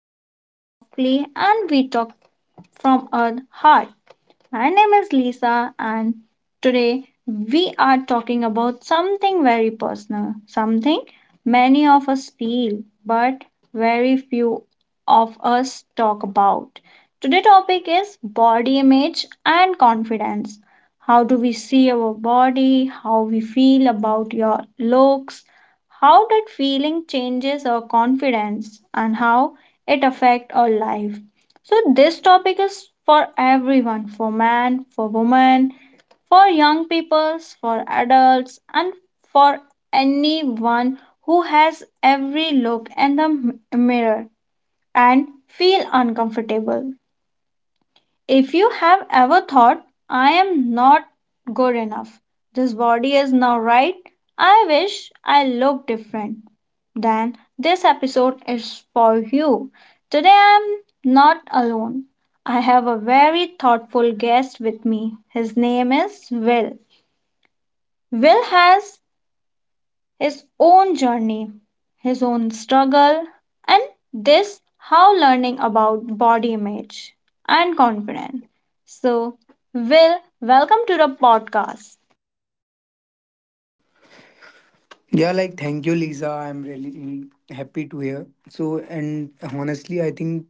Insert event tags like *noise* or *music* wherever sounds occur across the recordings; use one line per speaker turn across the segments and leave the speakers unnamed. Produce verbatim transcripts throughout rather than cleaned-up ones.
we talk softly, and we talk from our heart. My name is Lisa, and today we are talking about something very personal, something many of us feel, but very few of us talk about. Today's topic is body image and confidence. How do we see our body? How we feel about your looks? How that feeling changes our confidence and how it affects our life. So, this topic is for everyone, for man, for woman, for young peoples, for adults, and for anyone who has every look in the m- mirror and feel uncomfortable. If you have ever thought, I am not good enough, this body is now right, I wish I looked different, then this episode is for you. Today I am not alone. I have a very thoughtful guest with me. His name is Will. Will has his own journey, his own struggle, and this how learning about body image and confidence. So, Will, welcome to the podcast.
Yeah, like thank you, Lisa. I'm really happy to hear. So, and honestly, I think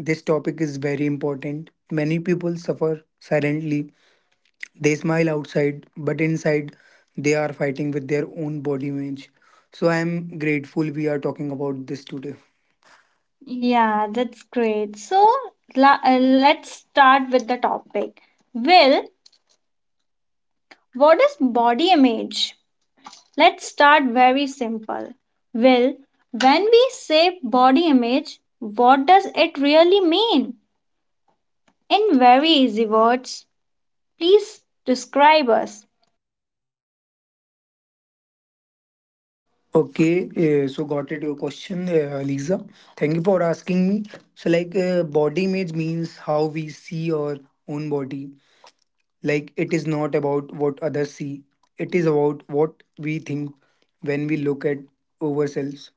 this topic is very important. Many people suffer silently. They smile outside, but inside, they are fighting with their own body image. So, I am grateful we are talking about this today. Yeah.
Yeah, that's great. So, la- uh, let's start with the topic. Will, what is body image? Let's start very simple. Will, when we say body image, what does it really mean? In very easy words, please describe us.
Okay, uh, so got it your question, uh, Lisa. Thank you for asking me. So, like, uh, body image means how we see our own body. Like, it is not about what others see, it is about what we think when we look at ourselves.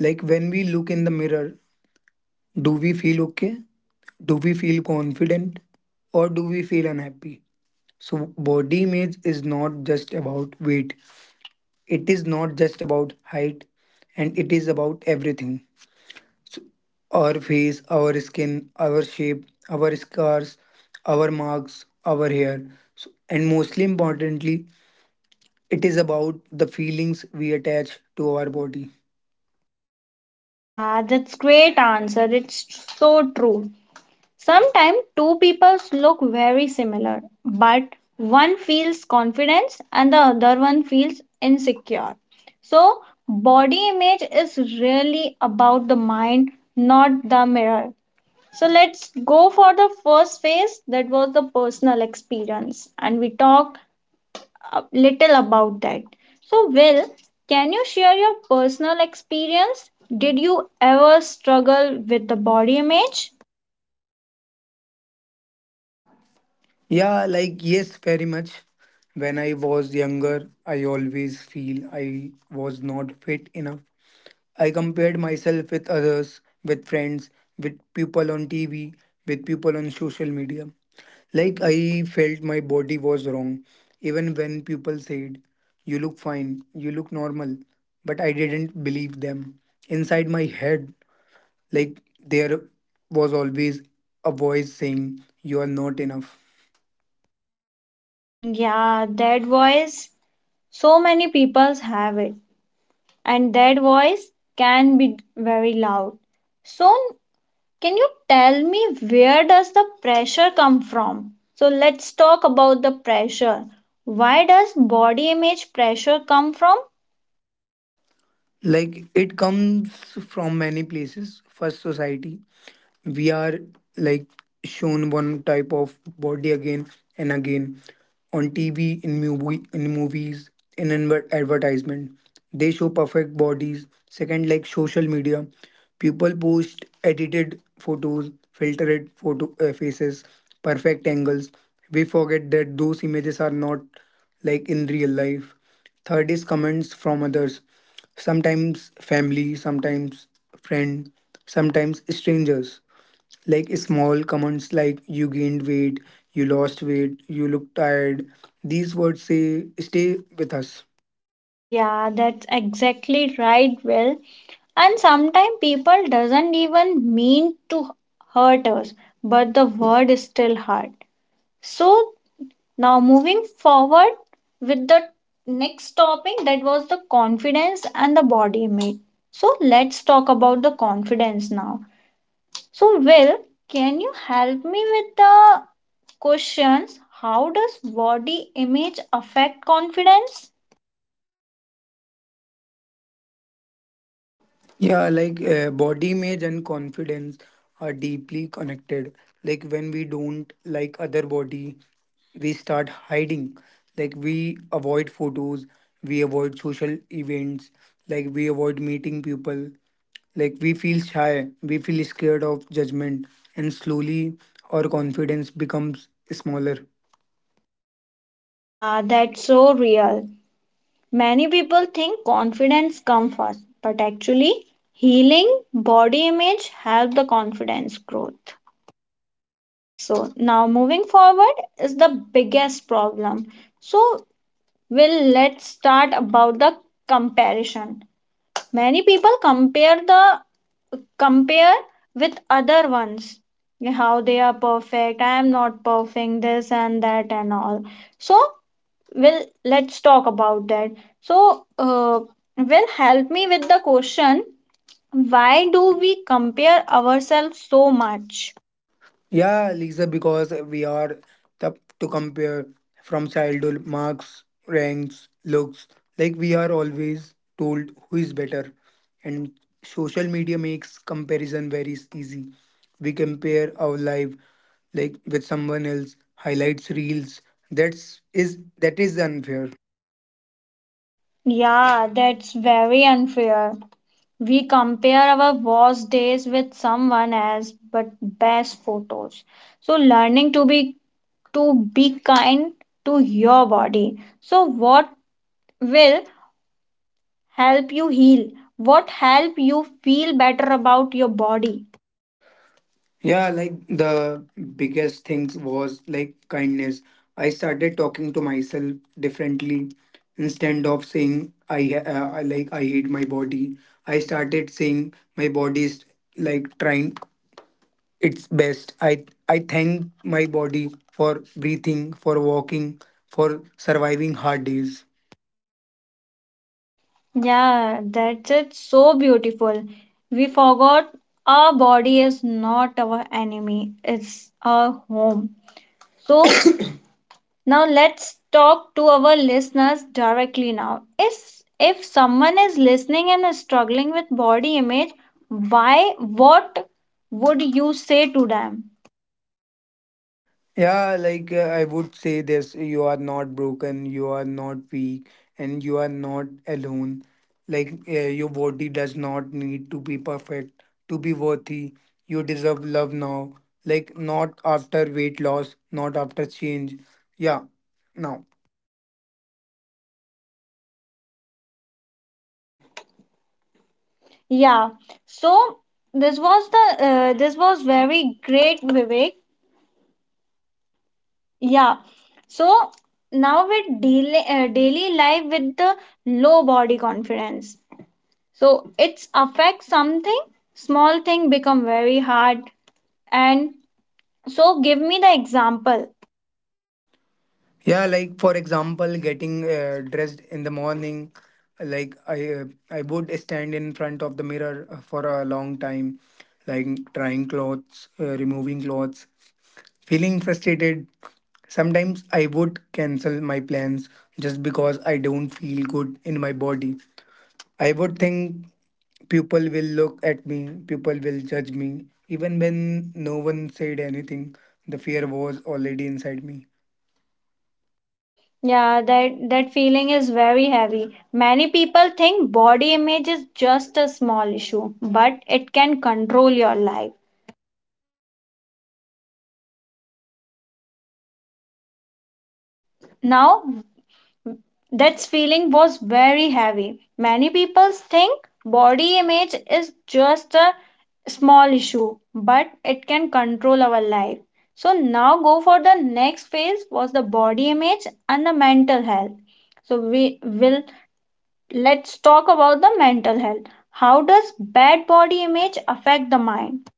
Like, when we look in the mirror, do we feel okay? Do we feel confident? Or do we feel unhappy? So, body image is not just about weight, it is not just about height, and it is about everything. So, our face, our skin, our shape, our scars, our marks, our hair, so, and mostly importantly, it is about the feelings we attach to our body.
Yeah, that's great answer. It's so true. Sometimes two peoples look very similar, but one feels confidence and the other one feels insecure. So, body image is really about the mind, not the mirror. So, let's go for the first phase that was the personal experience. And we talk a little about that. So, Will, can you share your personal experience? Did you ever struggle with the body image?
Yeah, like, yes, very much. When I was younger, I always feel I was not fit enough. I compared myself with others, with friends, with people on T V, with people on social media. Like, I felt my body was wrong, even when people said, you look fine, you look normal. But I didn't believe them. Inside my head, like there was always a voice saying you are not enough.
Yeah, that voice. So many people have it, and that voice can be very loud. So, can you tell me where does the pressure come from? So, let's talk about the pressure. Why does body image pressure come from?
Like it comes from many places. First, society, we are like shown one type of body again and again on TV, in movie in movies, in adver- advertisement, they show perfect bodies. Second, like social media, people post edited photos, filtered photo, uh, faces, perfect angles. We forget that those images are not like in real life. Third is comments from others. Sometimes family, sometimes friend, sometimes strangers. Like small comments like you gained weight, you lost weight, you look tired. These words say stay with us.
Yeah, that's exactly right, Will. And sometimes people doesn't even mean to hurt us, but the word is still hard. So now, moving forward with the next topic that was the confidence and the body image. So let's talk about the confidence now. So, Will, can you help me with the questions, how does body image affect confidence?
Yeah, like uh, body image and confidence are deeply connected. Like when we don't like other body, we start hiding. Like we avoid photos, we avoid social events, like we avoid meeting people. Like we feel shy, we feel scared of judgment, and slowly our confidence becomes smaller.
Yeah, that's so real. Many people think confidence comes first, but actually, healing body image help the confidence growth. So now, moving forward is the biggest problem. So, well, let's start about the comparison. Many people compare the compare with other ones, how they are perfect. I am not perfect. This and that and all. So, well, let's talk about that. So uh, well, help me with the question, why do we compare ourselves so much?
Yeah, Lisa, because we are tough to compare from childhood, marks, ranks, looks. Like we are always told who is better, and social media makes comparison very easy. We compare our life like with someone else, highlights reels. That's is that is unfair.
Yeah, that's very unfair. We compare our worst days with someone else but best photos. So learning to be, to be kind to your body. So what, Will, help you heal? What help you feel better about your body?
Yeah, like the biggest things was like kindness. I started talking to myself differently instead of saying I ha- uh, I- like I hate my body. I started saying my body is like trying its best. I I thank my body for breathing, for walking, for surviving hard days.
Yeah, that's it. So beautiful. We forgot our body is not our enemy, it's our home. So *coughs* now let's talk to our listeners directly now. Is if someone is listening and is struggling with body image, why, what would you say to them?
Yeah, like uh, I would say this: you are not broken, you are not weak, and you are not alone. Like uh, your body does not need to be perfect to be worthy. You deserve love now, like not after weight loss, not after change. Yeah, now.
I'm bolding. Yeah. So this was the, uh, this was very great, Vivek. Yeah. So now with daily, uh, daily life with the low body confidence. So it's affects something, small thing become very hard. And so give me the example.
Yeah, like for example, getting uh, dressed in the morning, like I uh, I would stand in front of the mirror for a long time, like trying clothes, uh, removing clothes, feeling frustrated, sometimes I would cancel my plans just because I don't feel good in my body. I would think people will look at me, people will judge me. Even when no one said anything, the fear was already inside me.
Yeah, that that feeling is very heavy. Many people think body image is just a small issue, but it can control your life. Now that feeling was very heavy. Many people think body image is just a small issue, but it can control our life. So now, go for the next phase was the body image and the mental health. So we will, let's talk about the mental health. How does bad body image affect the mind?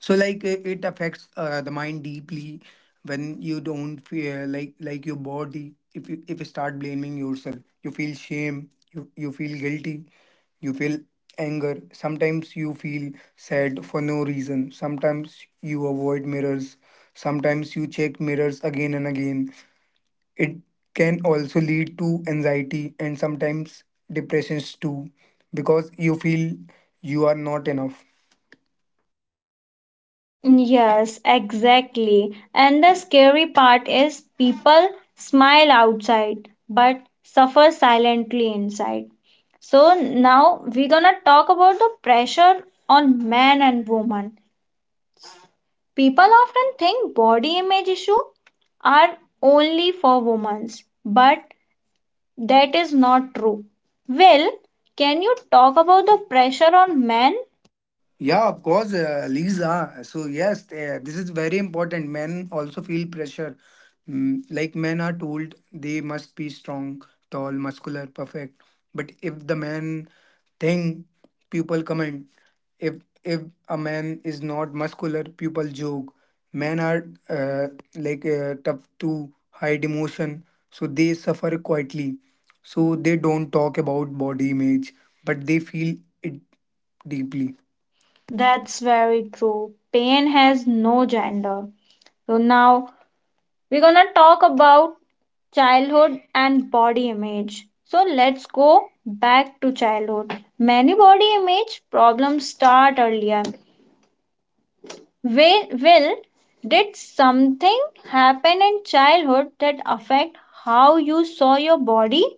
So like uh, it affects uh, the mind deeply. When you don't feel like like your body, if you if you start blaming yourself, you feel shame, you you feel guilty, you feel anger, sometimes you feel sad for no reason, sometimes you avoid mirrors, sometimes you check mirrors again and again. It can also lead to anxiety and sometimes depressions too, because you feel you are not enough.
Yes, exactly. And the scary part is people smile outside but suffer silently inside. So now we're gonna talk about the pressure on man and woman. People often think body image issue are only for women, but that is not true. Well, can you talk about the pressure on men?
Yeah, of course, uh, Lisa. So, yes, uh, this is very important. Men also feel pressure. Mm, like men are told they must be strong, tall, muscular, perfect. But if the man think, people comment. If if a man is not muscular, people joke. Men are uh, like uh, tough to hide emotion, so they suffer quietly. So they don't talk about body image, but they feel it deeply.
That's very true. Pain has no gender. So now we're gonna talk about childhood and body image. So let's go back to childhood. Many body image problems start earlier. Will Will, did something happen in childhood that affect how you saw your body?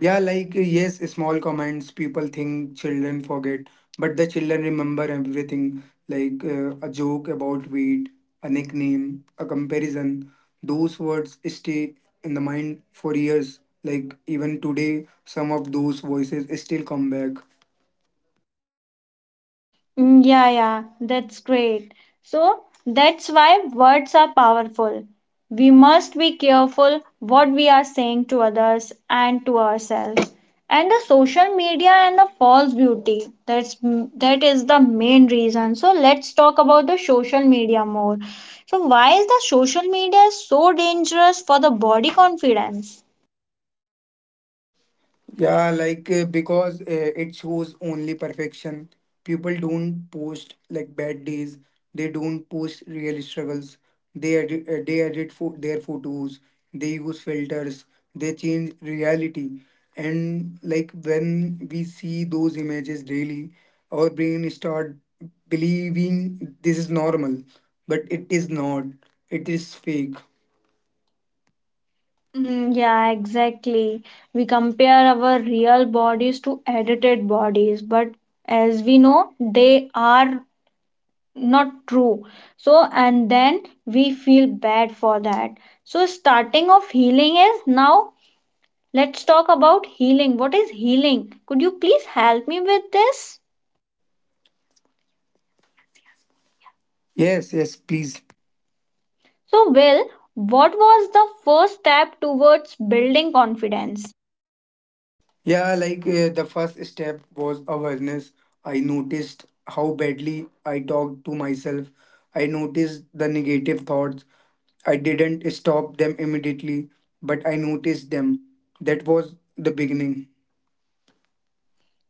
Yeah, like yes, small comments, people think children forget, but the children remember everything, like uh, a joke about weight, a nickname, a comparison. Those words stay in the mind for years. Like even today, some of those voices still come back.
Mm, yeah, yeah, that's great. So that's why words are powerful. We must be careful what we are saying to others and to ourselves. And the social media and the false beauty. That's, that is the main reason. So let's talk about the social media more. So why is the social media so dangerous for the body confidence?
Yeah, like uh, because uh, it shows only perfection. People don't post like bad days. They don't post real struggles. They edit, uh, they edit fo- their photos. They use filters. They change reality. And like when we see those images daily, our brain start believing this is normal, but it is not. It is fake. Mhm.
Mm, yeah, exactly. We compare our real bodies to edited bodies, but as we know, they are not true. So, and then we feel bad for that. So, starting of healing is now, let's talk about healing. What is healing? Could you please help me with this?
Yes, yes, please.
Please. So, Will, what was the first step towards building confidence?
Yeah, like uh, the first step was awareness. I noticed how badly I talked to myself. I noticed the negative thoughts. I didn't stop them immediately, but I noticed them. That was the beginning.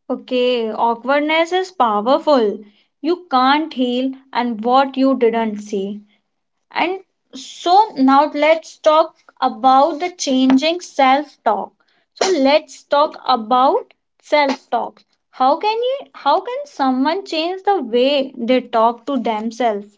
Okay, awkwardness is powerful. You can't heal and what you didn't see. And so now let's talk about the changing self-talk. So let's talk about self-talk. How can you how can someone change the way they talk to themselves?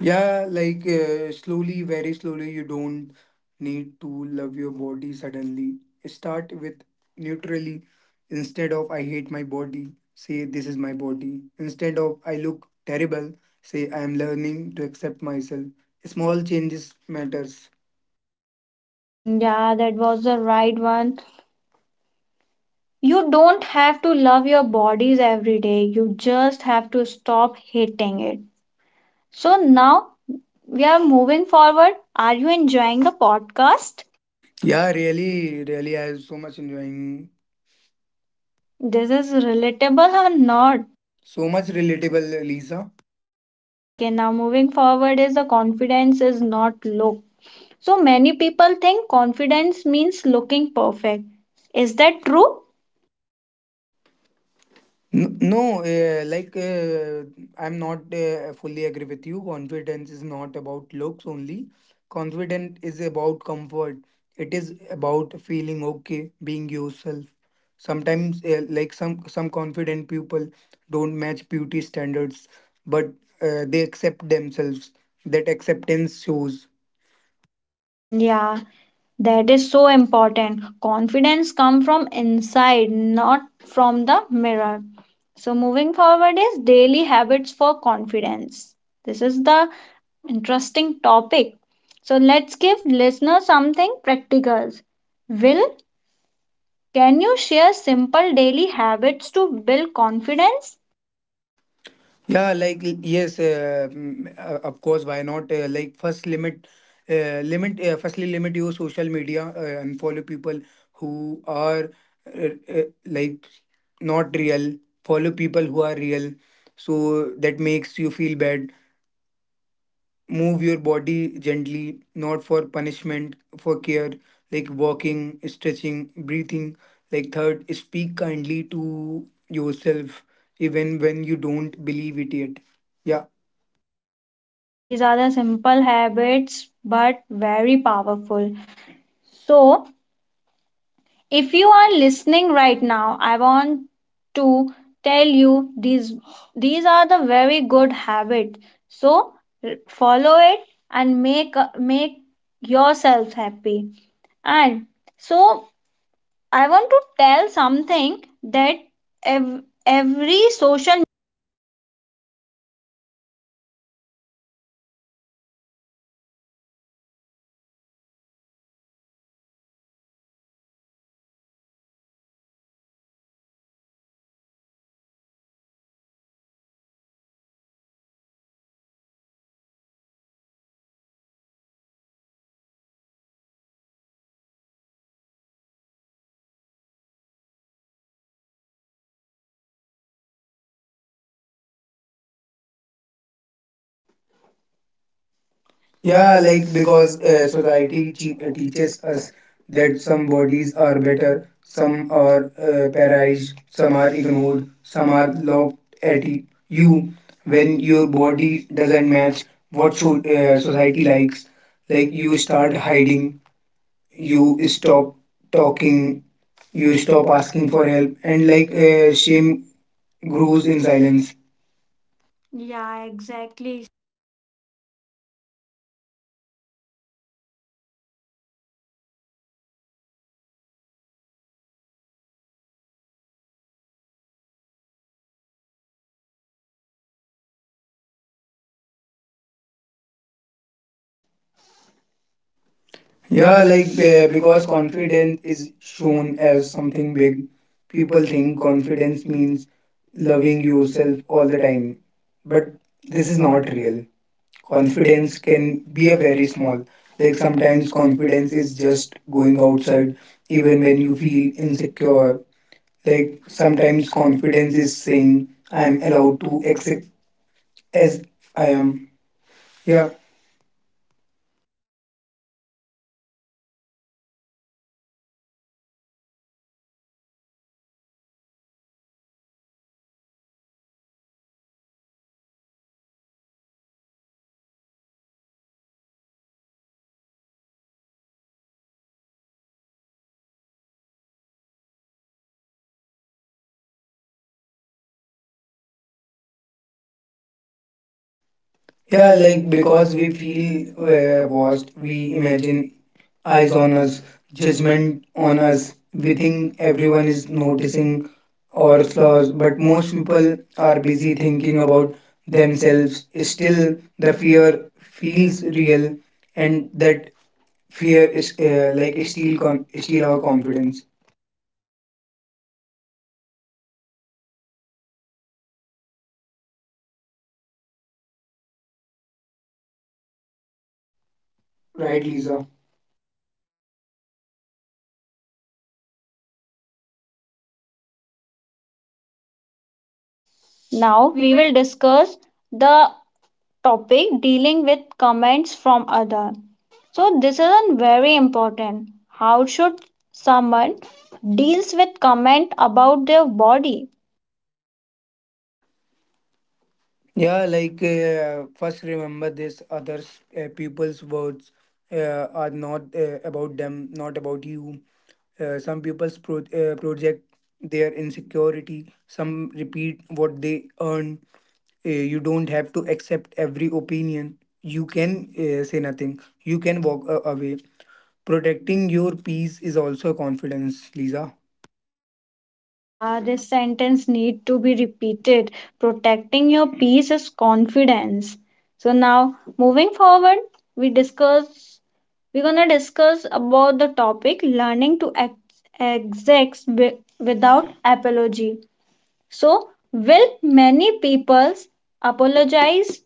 Yeah, like uh, slowly, very slowly, you don't need to love your body suddenly. Start with neutrally, instead of I hate my body, say this is my body. Instead of I look terrible, say I am learning to accept myself. Small changes matters.
Hmm, yeah, that was the right one. You don't have to love your bodies every day. You just have to stop hating it. So now we are moving forward. Are you enjoying the podcast?
Yeah, really, really, I was so much enjoying,
This is relatable or not?
so much relatable, Lisa.
Okay, now moving forward is the confidence is not low. So many people think confidence means looking perfect. Is that true?
N- No, uh, like uh, I'm not uh, fully agree with you. Confidence is not about looks only. Confidence is about comfort. It is about feeling okay, being yourself. Sometimes, uh, like some some confident people don't match beauty standards, but uh, they accept themselves. That acceptance shows.
Mm, yeah, that is so important. Confidence come from inside, not from the mirror. So moving forward is daily habits for confidence. This is the interesting topic. So let's give listeners something practical. Will, can you share simple daily habits to build confidence?
Yeah, like l- yes, uh, mm, uh, of course. Why not? Uh, like first limit, uh, limit. Uh, firstly, limit your social media uh, and follow people who are uh, uh, like not real. Follow people who are real, so that makes you feel bad. Move your body gently, not for punishment, for care. Like walking, stretching, breathing. Like third, speak kindly to yourself, even when you don't believe it yet. Yeah.
Yeah, these are the simple habits but very powerful. So, if you are listening right now, I want to tell you these these are the very good habits. So, r- follow it and make make yourself happy. And so I want to tell something that ev- every social. Yeah,
Yeah,
like
like because
because
uh,
uh, society
society che-
che-
uh, teaches
teaches us
us that
that some
some bodies
bodies
are
are
better,
better,
some
some
are
are
uh,
uh, prized,
prized,
some
some
are
are
ignored,
ignored, some
some
are
are looked
laughed at
at
y-
y-
you
you
when
when your
your
body
body
doesn't
doesn't match
match
what
what so,
so- uh,
uh,
society
society likes.
likes.
Like
Like you
you start
start
hiding,
hiding, you
you
stop
stop talking,
talking, you
you
stop
stop
asking
asking
for
for
help,
help,
and
and
like
like
uh,
uh, shame
shame grows
grows
in
in
silence.
silence.
Yeah, exactly. Yeah,
Yeah, like
like uh,
uh, because
because confidence
confidence
is
is
shown
shown
as
as something
something big,
big. People
people think
think confidence
confidence
means
means loving
loving yourself
yourself all
all
the
the time,
time.
but
But
this
this
is
is
not
not
real.
real. Confidence
Confidence can
can be
be a
a
very
very
small.
small. Like
Like sometimes
sometimes confidence
confidence
is
is just
just going
going outside,
outside
even
even when
when
you
you feel
feel
insecure.
insecure. Like
Like
sometimes
sometimes
confidence
confidence is
is
saying,
saying I
"I'm
am allowed
allowed
to
to accept
exist
as
as I
I am."
am.
Yeah,
Yeah. Yeah,
yeah. Like
like because
because
we
we
feel
feel uh,
uh,
washed,
watched, we
we imagine
imagine
eyes
eyes
on
on
us,
us,
judgment
judgment
on
on
us.
us. We
We think
think
everyone
everyone is
is
noticing
noticing our
our flaws,
flaws, but
but most
most people
people are
are
busy
busy thinking
thinking about
about
themselves.
themselves. Still,
Still, the
the
fear
fear feels
feels real,
real, and
and that
that fear
fear
is
is
uh,
uh, like
like
steal
steal
con-
con- steal
steal our
our
confidence.
confidence. Right,
Right, Lisa?
Lisa? Now
Now
we
we will.
will discuss the topic dealing with comments from other. So this is a very important. How should someone deals with comment about their body?
Yeah, like uh, first remember this: other uh, people's words uh, are not uh, about them, not about you. Uh, some people's pro- uh, project their insecurity, some repeat what they earn. Uh, you don't have to accept every opinion. You can uh, say nothing, you can walk uh, away. Protecting your peace is also confidence, Lisa.
Yeah, this sentence need to be repeated. Protecting your peace is confidence. So now moving forward, we discuss, we're gonna discuss about the topic learning to ex- exist wi- without apology. So, will many peoples apologize